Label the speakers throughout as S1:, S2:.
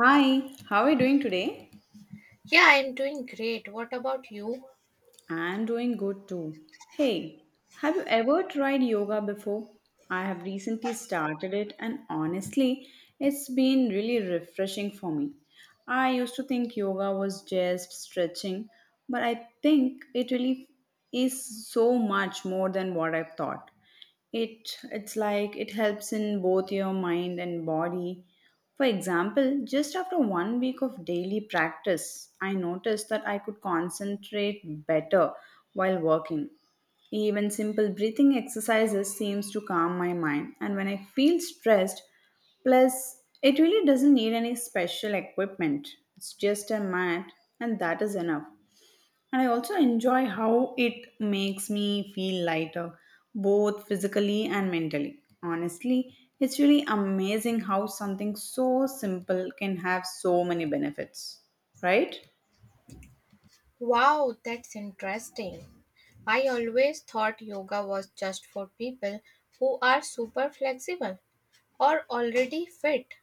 S1: Hi, how are you doing today?
S2: Yeah, I'm doing great. What about you?
S1: I'm doing good too. Hey, have you ever tried yoga before? I have recently started it and honestly, it's been really refreshing for me. I used to think yoga was just stretching, but I think it really is so much more than what I thought. It's like it helps in both your mind and body. For example, just after 1 week of daily practice, I noticed that I could concentrate better while working. Even simple breathing exercises seems to calm my mind, and when I feel stressed, plus it really doesn't need any special equipment. It's just a mat, and that is enough. And I also enjoy how it makes me feel lighter, both physically and mentally. Honestly, it's really amazing how something so simple can have so many benefits, right?
S2: Wow, that's interesting. I always thought yoga was just for people who are super flexible or already fit.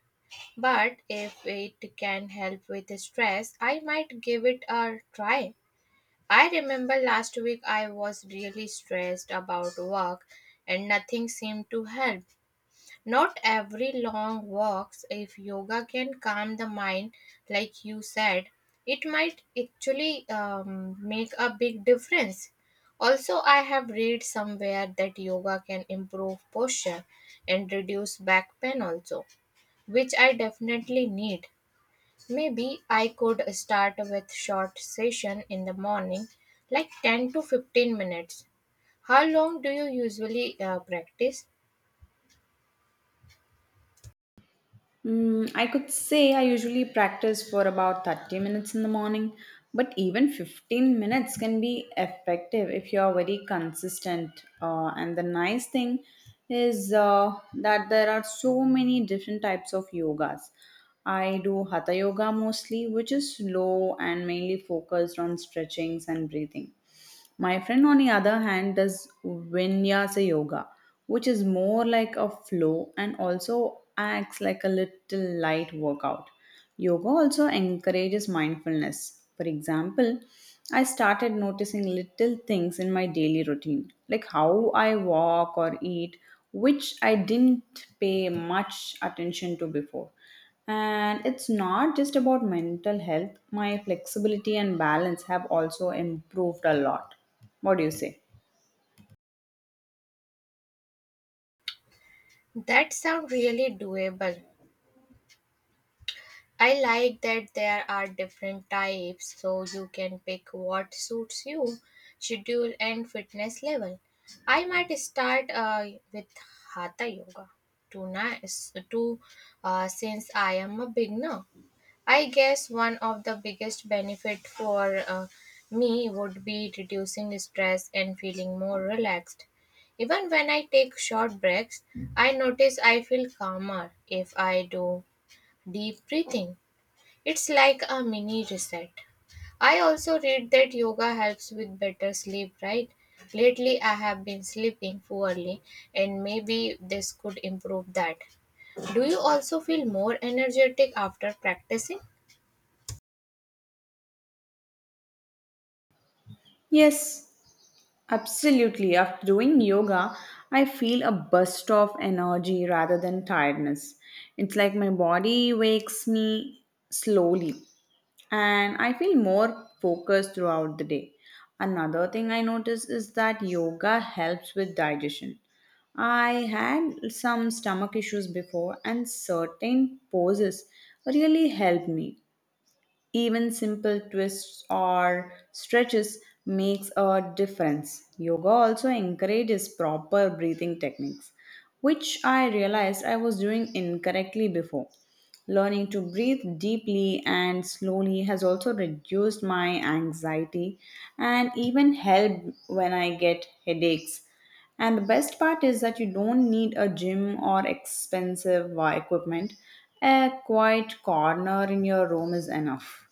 S2: But if it can help with stress, I might give it a try. I remember last week I was really stressed about work and nothing seemed to help. Not every long walks, if yoga can calm the mind, like you said, it might actually make a big difference. Also, I have read somewhere that yoga can improve posture and reduce back pain, also, which I definitely need. Maybe I could start with short session in the morning, like 10 to 15 minutes. How long do you usually practice?
S1: Mm, I could say I usually practice for about 30 minutes in the morning, but even 15 minutes can be effective if you are very consistent. And the nice thing is that there are so many different types of yogas. I do hatha yoga mostly, which is slow and mainly focused on stretchings and breathing. My friend, on the other hand, does vinyasa yoga, which is more like a flow and also acts like a little light workout. Yoga also encourages mindfulness. For example, I started noticing little things in my daily routine, like how I walk or eat, which I didn't pay much attention to before. And it's not just about mental health, my flexibility and balance have also improved a lot. What do you say?
S2: That sounds really doable. I like that there are different types so you can pick what suits you, schedule and fitness level. I might start with hatha yoga tonight to since I am a beginner. I guess one of the biggest benefit for me would be reducing stress and feeling more relaxed. Even when I take short breaks, I notice I feel calmer if I do deep breathing. It's like a mini reset. I also read that yoga helps with better sleep, right? Lately, I have been sleeping poorly, and maybe this could improve that. Do you also feel more energetic after practicing?
S1: Yes, absolutely. After doing yoga, I feel a burst of energy rather than tiredness. It's like my body wakes me slowly, and I feel more focused throughout the day. Another thing I notice is that yoga helps with digestion. I had some stomach issues before, and certain poses really help me. Even simple twists or stretches makes a difference. Yoga also encourages proper breathing techniques, which I realized I was doing incorrectly before. Learning to breathe deeply and slowly has also reduced my anxiety and even helped when I get headaches. And the best part is that you don't need a gym or expensive equipment. A quiet corner in your room is enough.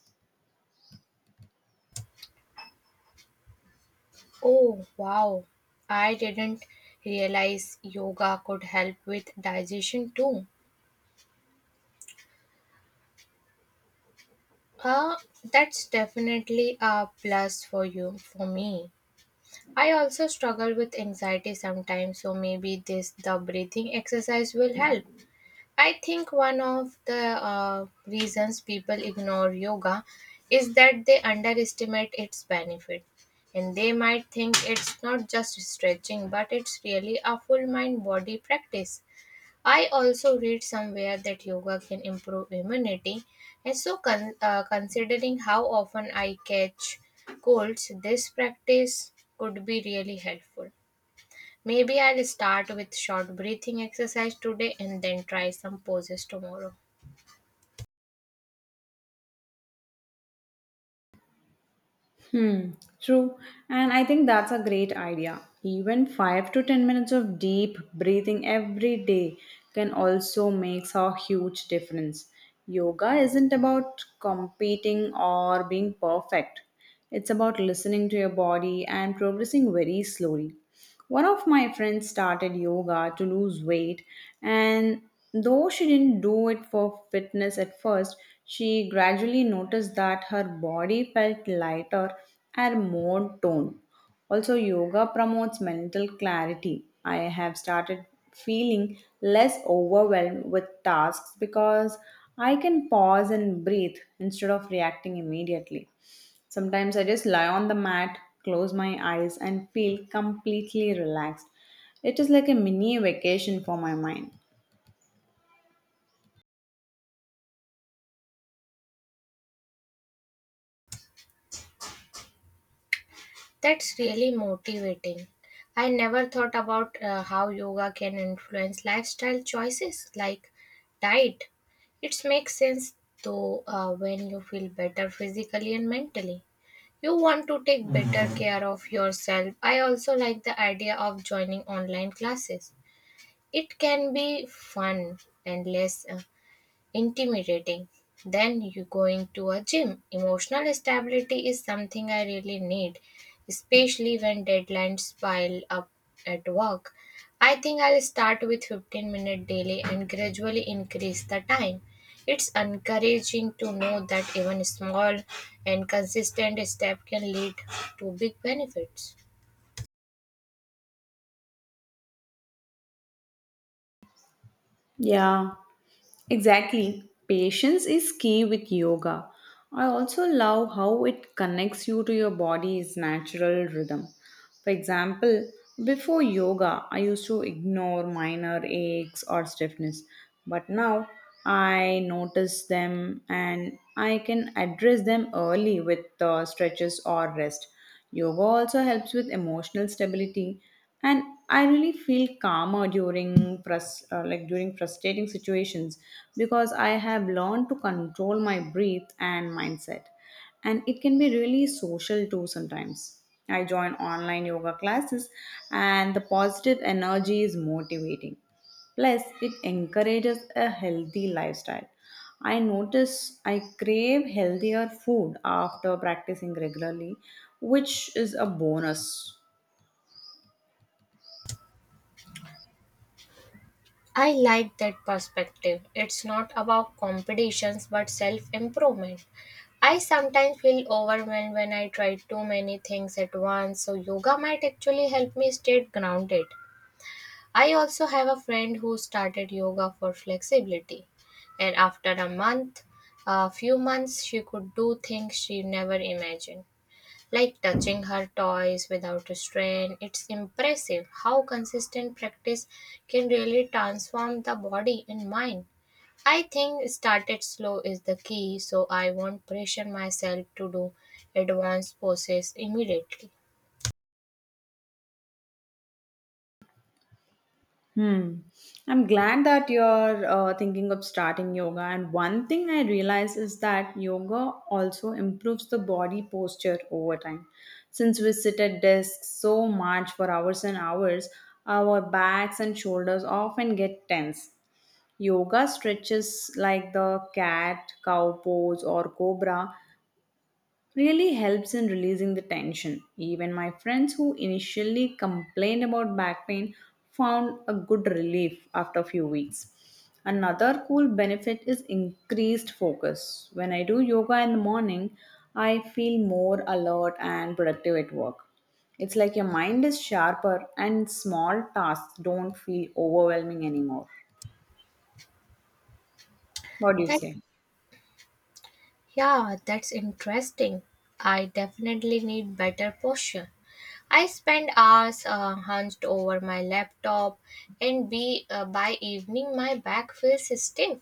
S2: Oh, wow. I didn't realize yoga could help with digestion too. Uh, that's definitely a plus for you, for me. I also struggle with anxiety sometimes, so maybe this the breathing exercise will help. I think one of the reasons people ignore yoga is that they underestimate its benefit and they might think it's not just stretching but it's really a full mind body practice. I also read somewhere that yoga can improve immunity, and considering how often I catch colds, this practice could be really helpful. Maybe I'll start with short breathing exercise today and then try some poses tomorrow.
S1: Hmm, true. And I think that's a great idea. Even 5 to 10 minutes of deep breathing every day can also make a huge difference. Yoga isn't about competing or being perfect, it's about listening to your body and progressing very slowly. One of my friends started yoga to lose weight, and though she didn't do it for fitness at first, she gradually noticed that her body felt lighter and more toned. Also, yoga promotes mental clarity. I have started feeling less overwhelmed with tasks because I can pause and breathe instead of reacting immediately. Sometimes I just lie on the mat, close my eyes, and feel completely relaxed. It is like a mini vacation for my mind.
S2: That's really motivating. I never thought about how yoga can influence lifestyle choices like diet. It makes sense though when you feel better physically and mentally. You want to take better care of yourself. I also like the idea of joining online classes. It can be fun and less intimidating. Then you going to a gym. Emotional stability is something I really need, especially when deadlines pile up at work. I think I'll start with 15-minute daily and gradually increase the time. It's encouraging to know that even small and consistent step can lead to big benefits.
S1: Yeah, exactly. Patience is key with yoga. I also love how it connects you to your body's natural rhythm. For example, before yoga, I used to ignore minor aches or stiffness, but now I notice them and I can address them early with stretches or rest. Yoga also helps with emotional stability, and I really feel calmer during like during frustrating situations because I have learned to control my breath and mindset, and it can be really social too sometimes. I join online yoga classes, and the positive energy is motivating. Plus, it encourages a healthy lifestyle. I notice I crave healthier food after practicing regularly, which is a bonus.
S2: I like that perspective. It's not about competitions but self improvement. I sometimes feel overwhelmed when I try too many things at once, so yoga might actually help me stay grounded. I also have a friend who started yoga for flexibility, and a few months, she could do things she never imagined, like touching her toys without strain. It's impressive how consistent practice can really transform the body and mind. I think started slow is the key, so I won't pressure myself to do advanced poses immediately.
S1: Hmm. I'm glad that you're thinking of starting yoga. And one thing I realize is that yoga also improves the body posture over time. Since we sit at desks so much for hours and hours, our backs and shoulders often get tense. Yoga stretches like the cat, cow pose, or cobra really helps in releasing the tension. Even my friends who initially complained about back pain found a good relief after a few weeks. Another cool benefit is increased focus. When I do yoga in the morning, I feel more alert and productive at work. It's like your mind is sharper and small tasks don't feel overwhelming anymore. What do you
S2: That
S1: say?
S2: yeah, that's interesting. I definitely need better posture. I spend hours hunched over my laptop, and be by evening my back feels stiff.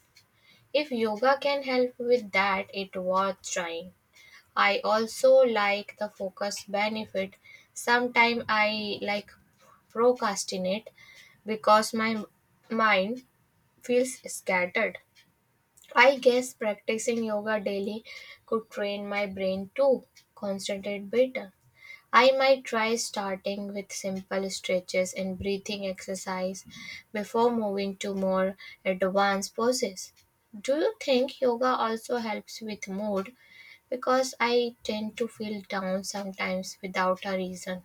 S2: If yoga can help with that, it worth trying. I also like the focus benefit. Sometimes I like procrastinate because my mind feels scattered. I guess practicing yoga daily could train my brain to concentrate better. I might try starting with simple stretches and breathing exercise before moving to more advanced poses. Do you think yoga also helps with mood because I tend to feel down sometimes without a reason.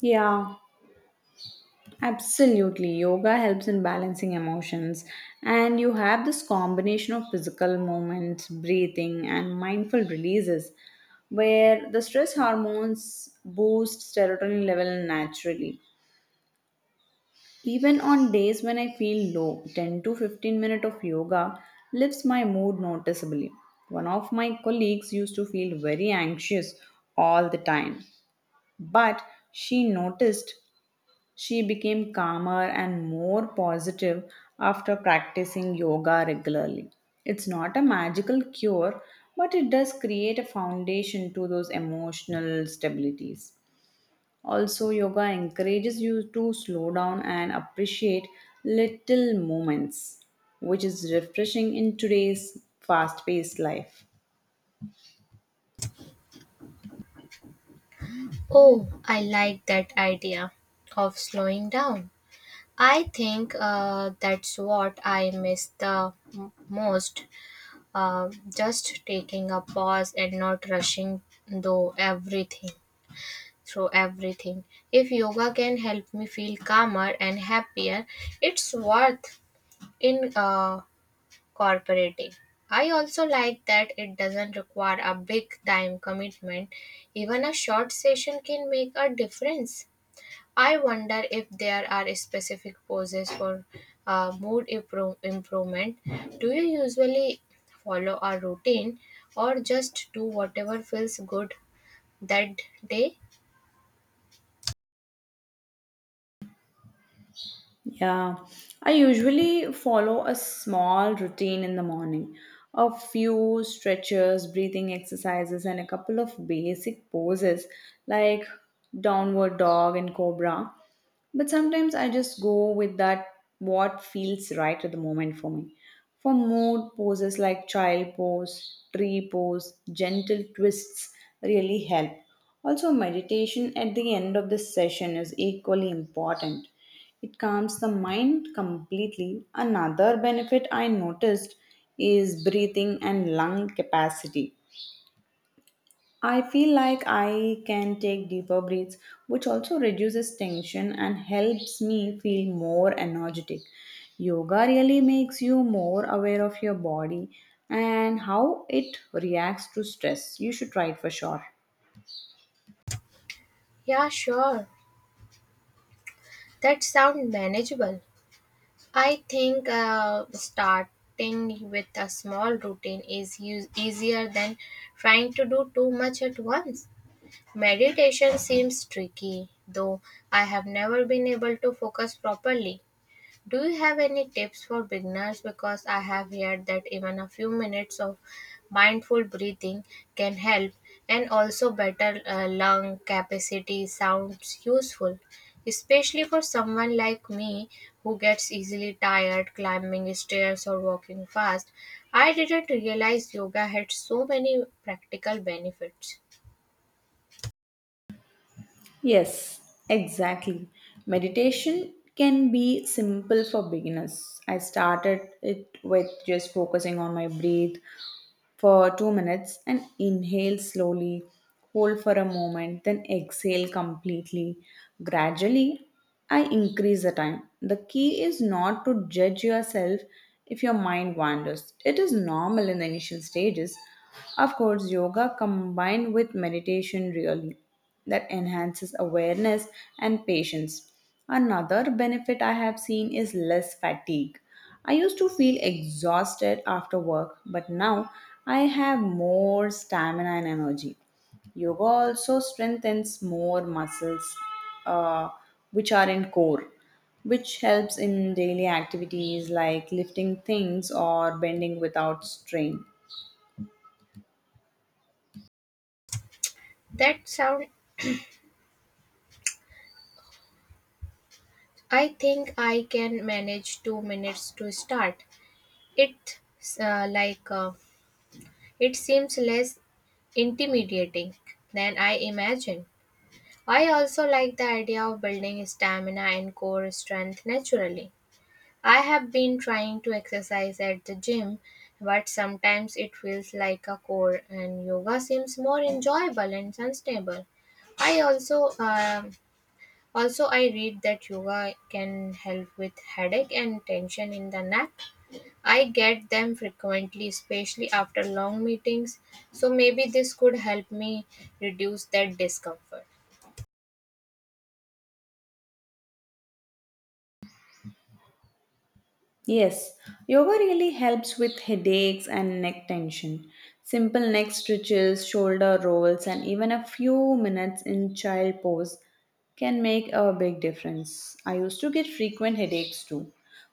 S1: Yeah, absolutely. Yoga helps in balancing emotions, and you have this combination of physical movements, breathing, and mindful releases where the stress hormones boost serotonin level naturally. Even on days when I feel low, 10 to 15 minutes of yoga lifts my mood noticeably. One of my colleagues used to feel very anxious all the time, but she noticed she became calmer and more positive after practicing yoga regularly. It's not a magical cure, but it does create a foundation to those emotional stabilities. Also, yoga encourages you to slow down and appreciate little moments, which is refreshing in today's fast paced life.
S2: Oh, I like that idea of slowing down. I think that's what I miss the most. Just taking a pause and not rushing though everything through everything. If yoga can help me feel calmer and happier, it's worth in cooperative. I also like that it doesn't require a big time commitment. Even a short session can make a difference. I wonder if there are specific poses for mood improvement. Do you usually follow a routine or just do whatever feels good that day?
S1: Yeah, I usually follow a small routine in the morning. A few stretches, breathing exercises, and a couple of basic poses like downward dog and cobra. But sometimes I just go with that what feels right at the moment for me. For mood, poses like child pose, tree pose, gentle twists really help. Also, meditation at the end of the session is equally important. It calms the mind completely. Another benefit I noticed is breathing and lung capacity. I feel like I can take deeper breaths, which also reduces tension and helps me feel more energetic. Yoga really makes you more aware of your body and how it reacts to stress. You should try it for sure.
S2: Yeah, sure. That sounds manageable. I think starting with a small routine is easier than trying to do too much at once. Meditation seems tricky, though I have never been able to focus properly. Do you have any tips for beginners? Because I have heard that even a few minutes of mindful breathing can help, and also better lung capacity sounds useful, especially for someone like me who gets easily tired climbing stairs or walking fast. I didn't realize yoga had so many practical benefits.
S1: Yes, exactly. Meditation can be simple for beginners. I started it with just focusing on my breath for 2 minutes, and inhale slowly, hold for a moment, then exhale completely. Gradually, I increase the time. The key is not to judge yourself if your mind wanders. It is normal in the initial stages. Of course, yoga combined with meditation really that enhances awareness and patience. Another benefit I have seen is less fatigue. I used to feel exhausted after work, but now I have more stamina and energy. Yoga also strengthens more muscles, uh, which are in core, which helps in daily activities like lifting things or bending without strain.
S2: That sound, I think I can manage 2 minutes to start. It's It seems less intimidating than I imagined. I also like the idea of building stamina and core strength naturally. I have been trying to exercise at the gym, but sometimes it feels like a chore. And yoga seems more enjoyable and sustainable. I also also I read that yoga can help with headache and tension in the neck. I get them frequently, especially after long meetings, so maybe this could help me reduce that discomfort.
S1: Yes, yoga really helps with headaches and neck tension. Simple neck stretches, shoulder rolls, and even a few minutes in child pose can make a big difference. I used to get frequent headaches too,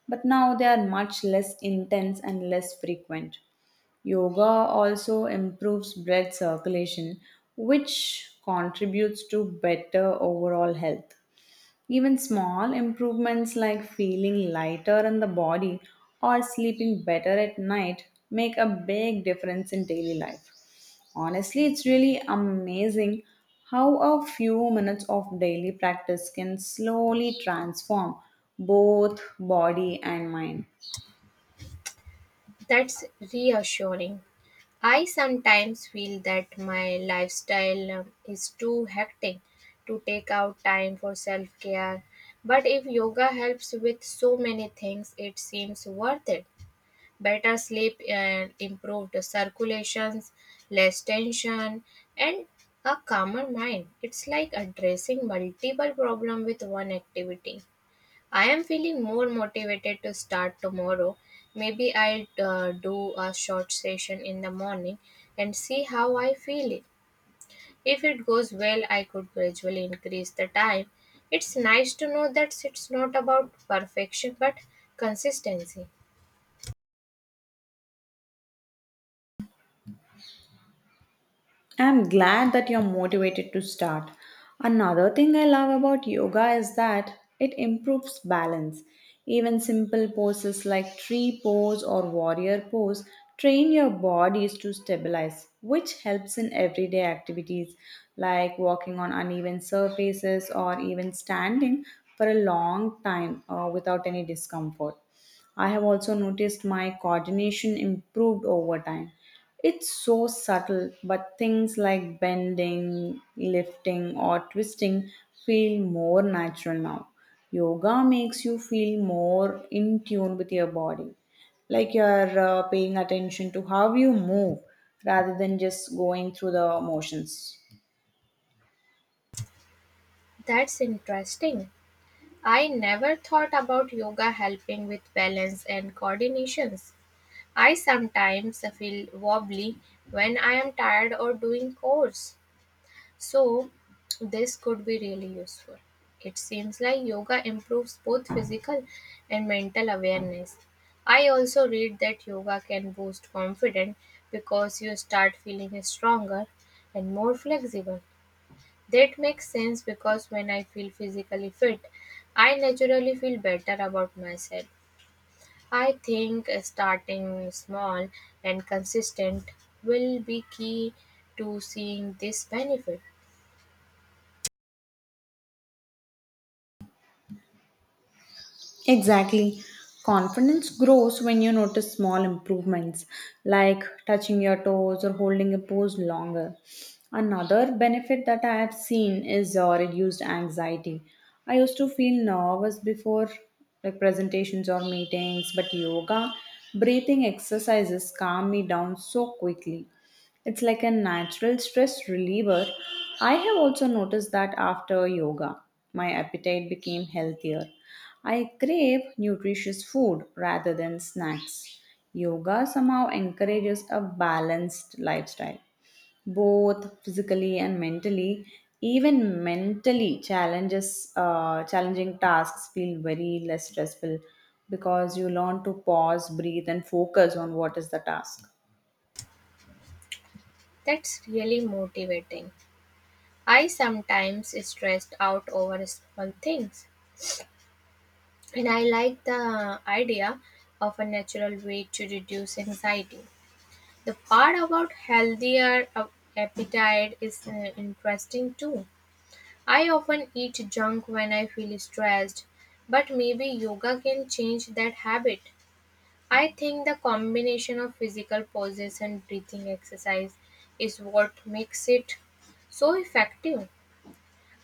S1: but now they are much less intense and less frequent. Yoga also improves blood circulation, which contributes to better overall health. Even small improvements like feeling lighter in the body or sleeping better at night make a big difference in daily life. Honestly, it's really amazing how a few minutes of daily practice can slowly transform both body and mind.
S2: That's reassuring. I sometimes feel that my lifestyle is too hectic to take out time for self care, but if yoga helps with so many things, it seems worth it. Better sleep and improved circulations, less tension, and a calmer mind. It's like addressing multiple problems with one activity. I am feeling more motivated to start tomorrow. Maybe I'll do a short session in the morning and see how I feel it. If it goes well, I could gradually increase the time. It's nice to know that it's not about perfection but consistency.
S1: I'm glad that you're motivated to start. Another thing I love about yoga is that it improves balance. Even simple poses like tree pose or warrior pose train your bodies to stabilize, which helps in everyday activities like walking on uneven surfaces or even standing for a long time without any discomfort. I have also noticed my coordination improved over time. It's so subtle, but things like bending, lifting, or twisting feel more natural now. Yoga makes you feel more in tune with your body, like you're paying attention to how you move rather than just going through the motions.
S2: That's interesting. I never thought about yoga helping with balance and coordinations. I sometimes feel wobbly when I am tired or doing chores. So, this could be really useful. It seems like yoga improves both physical and mental awareness. I also read that yoga can boost confidence because you start feeling stronger and more flexible. That makes sense because when I feel physically fit, I naturally feel better about myself. I think starting small and consistent will be key to seeing this benefit.
S1: Exactly. Confidence grows when you notice small improvements like touching your toes or holding a pose longer. Another benefit that I have seen is reduced anxiety. I used to feel nervous before like presentations or meetings, but yoga, breathing exercises calm me down so quickly. It's like a natural stress reliever. I have also noticed that after yoga, my appetite became healthier. I crave nutritious food rather than snacks. Yoga somehow encourages a balanced lifestyle, both physically and mentally. Even mentally, challenging tasks feel very less stressful because you learn to pause, breathe, and focus on what is the task.
S2: That's really motivating. I sometimes stressed out over small things, and I like the idea of a natural way to reduce anxiety. The part about healthier appetite is interesting too. I often eat junk when I feel stressed, but maybe yoga can change that habit. I think the combination of physical poses and breathing exercise is what makes it so effective.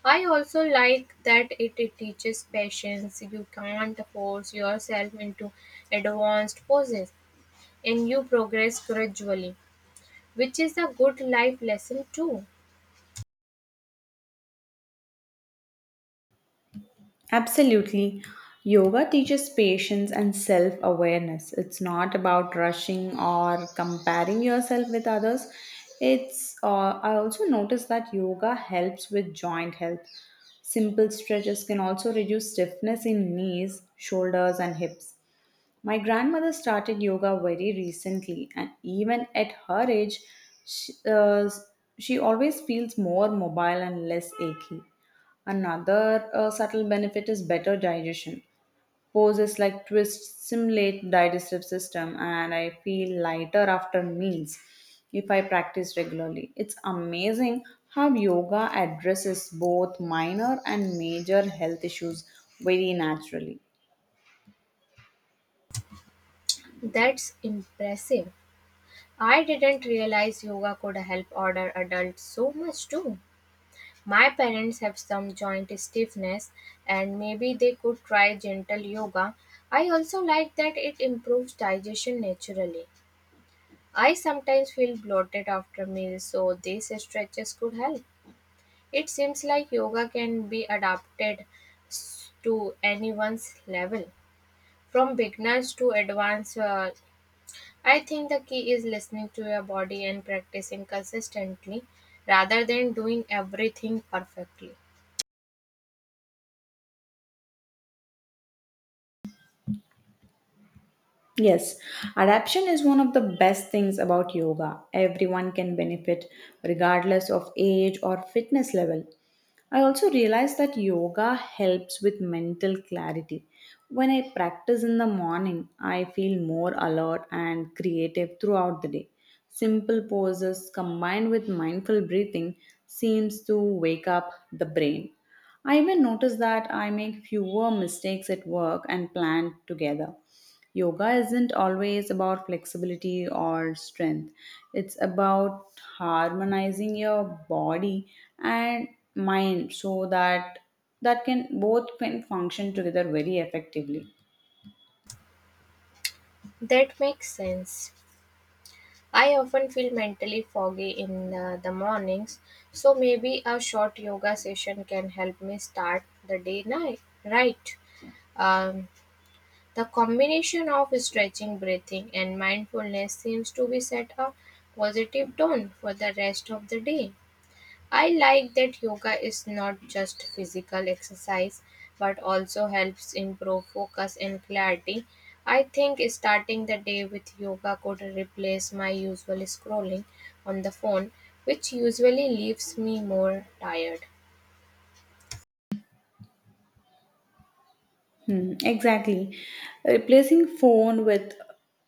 S2: I also like that it teaches patience. You can't force yourself into advanced poses and you progress gradually, which is a good life lesson too.
S1: Absolutely. Yoga teaches patience and self awareness. It's not about rushing or comparing yourself with others. I also noticed that yoga helps with joint health. Simple stretches can also reduce stiffness in knees, shoulders, and hips. My grandmother started yoga very recently, and even at her age, she, uh, she always feels more mobile and less achy. Another subtle benefit is better digestion. Poses like twists simulate digestive system, and I feel lighter after meals if I practice regularly. It's amazing how yoga addresses both minor and major health issues very naturally.
S2: That's impressive. I didn't realize yoga could help older adults so much too. My parents have some joint stiffness and maybe they could try gentle yoga. I also like that it improves digestion naturally. I sometimes feel bloated after meals, so these stretches could help. It seems like yoga can be adapted to anyone's level, from beginners to advanced I think the key is listening to your body and practicing consistently rather than doing everything perfectly.
S1: Yes, adaptation is one of the best things about yoga. Everyone can benefit regardless of age or fitness level. I also realized that yoga helps with mental clarity. When I practice in the morning, I feel more alert and creative throughout the day. Simple poses combined with mindful breathing seems to wake up the brain. I even notice that I make fewer mistakes at work and plan together. Yoga isn't always about flexibility or strength, it's about harmonizing your body and mind so that that can both can function together very effectively.
S2: That makes sense. I often feel mentally foggy in the mornings, so maybe a short yoga session can help me start the day night right. Um, the combination of stretching, breathing, and mindfulness seems to be set a positive tone for the rest of the day. I like that yoga is not just physical exercise but also helps improve focus and clarity. I think starting the day with yoga could replace my usual scrolling on the phone, which usually leaves me more tired.
S1: Hmm, exactly. Replacing phone with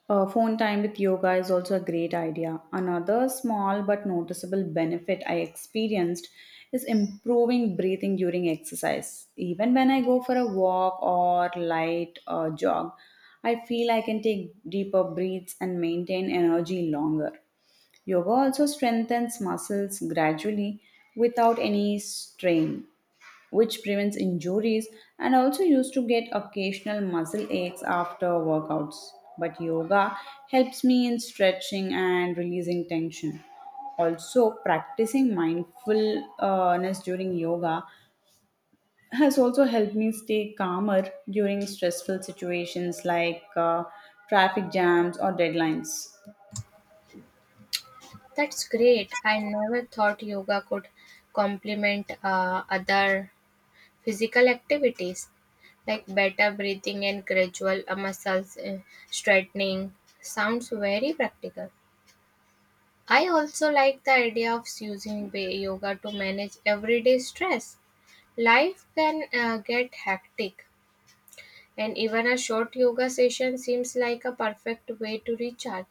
S1: phone time with yoga is also a great idea. Another small but noticeable benefit I experienced is improving breathing during exercise. Even when I go for a walk or light jog, I feel I can take deeper breaths and maintain energy longer. Yoga also strengthens muscles gradually without any strain, which prevents injuries, and also used to get occasional muscle aches after workouts. But yoga helps me in stretching and releasing tension. Also, practicing mindfulness during yoga has also helped me stay calmer during stressful situations like traffic jams or deadlines.
S2: That's great. I never thought yoga could complement other physical activities like better breathing and gradual muscles straightening. Sounds very practical. I also like the idea of using yoga to manage everyday stress. Life can get hectic, and even a short yoga session seems like a perfect way to recharge.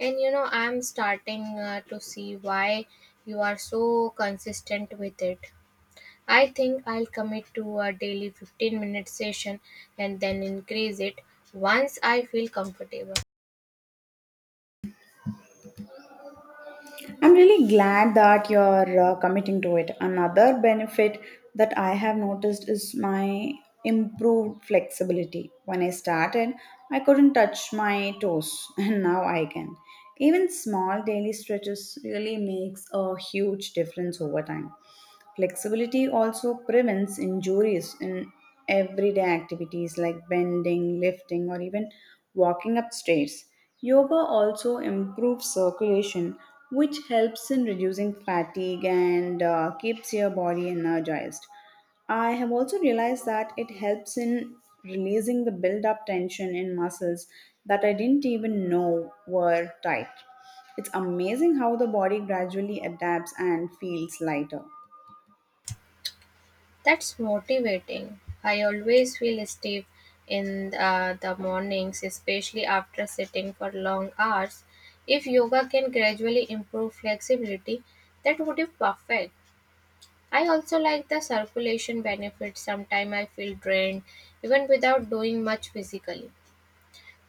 S2: And you know, I'm starting to see why you are so consistent with it. I think I'll commit to a daily 15-minute session and then increase it once I feel comfortable.
S1: I'm really glad that you're committing to it. Another benefit that I have noticed is my improved flexibility. When I started, I couldn't touch my toes, and now I can. Even small daily stretches really makes a huge difference over time. Flexibility also prevents injuries in everyday activities like bending, lifting, or even walking up stairs. Yoga also improves circulation, which helps in reducing fatigue and keeps your body energized. I have also realized that it helps in releasing the build up tension in muscles that I didn't even know were tight. It's amazing how the body gradually adapts and feels lighter.
S2: That's motivating. I always feel stiff in the mornings, especially after sitting for long hours. If yoga can gradually improve flexibility, that would be perfect. I also like the circulation benefits. Sometimes I feel drained even without doing much physically.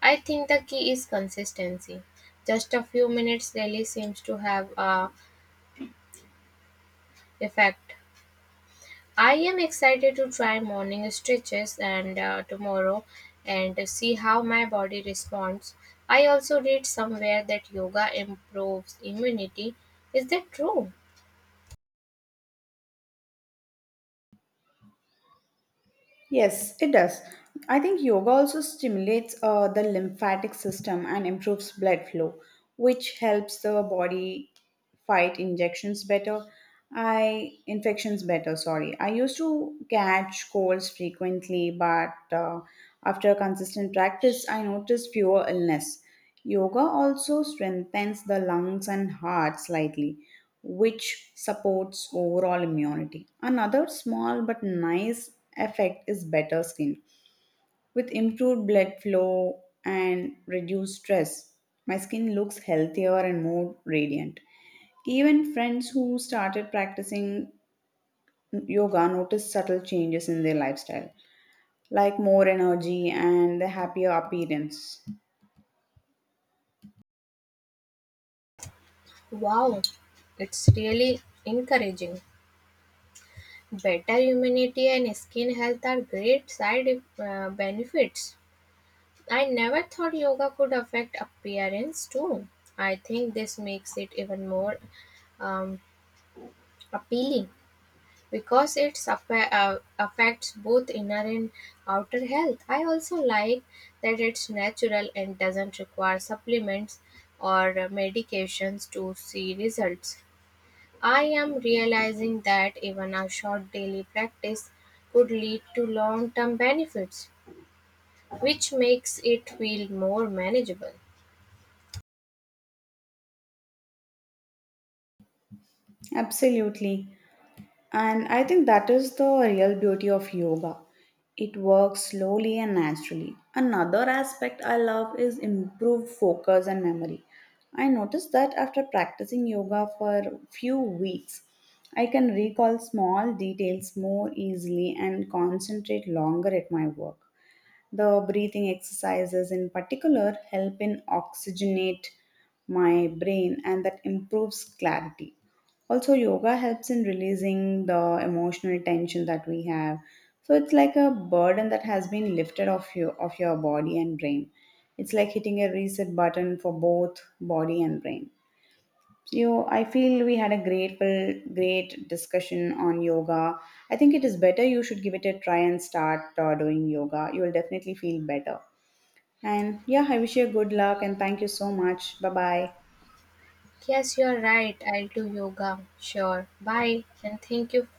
S2: I think the key is consistency. Just a few minutes daily seems to have a effect. I am excited to try morning stretches and tomorrow and see how my body responds. I also read somewhere that yoga improves immunity. Is that true?
S1: Yes, it does. I think yoga also stimulates the lymphatic system and improves blood flow, which helps the body fight injections better. I infections better. Sorry, I used to catch colds frequently, but after consistent practice, I noticed fewer illness. Yoga also strengthens the lungs and heart slightly, which supports overall immunity. Another small but nice effect is better skin. With improved blood flow and reduced stress, my skin looks healthier and more radiant. Even friends who started practicing yoga noticed subtle changes in their lifestyle, like more energy and a happier appearance.
S2: Wow, it's really encouraging. Better immunity and skin health are great side benefits. I never thought yoga could affect appearance too. I think this makes it even more um, appealing. Because it affects both inner and outer health. I also like that it's natural and doesn't require supplements or medications to see results. I am realizing that even a short daily practice could lead to long term benefits, which makes it feel more manageable.
S1: Absolutely. And I think that is the real beauty of yoga. It works slowly and naturally. Another aspect I love is improved focus and memory. I noticed that after practicing yoga for a few weeks, I can recall small details more easily and concentrate longer at my work. The breathing exercises, in particular, help in oxygenate my brain and that improves clarity. Also, yoga helps in releasing the emotional tension that we have. So it's like a burden that has been lifted off you of your body and brain. It's like hitting a reset button for both body and brain. So I feel we had a grateful, great discussion on yoga. I think it is better you should give it a try and start doing yoga. You will definitely feel better. And yeah, I wish you good luck and thank you so much. Bye bye.
S2: Yes, you are right. I'll do yoga. Sure. Bye. And thank you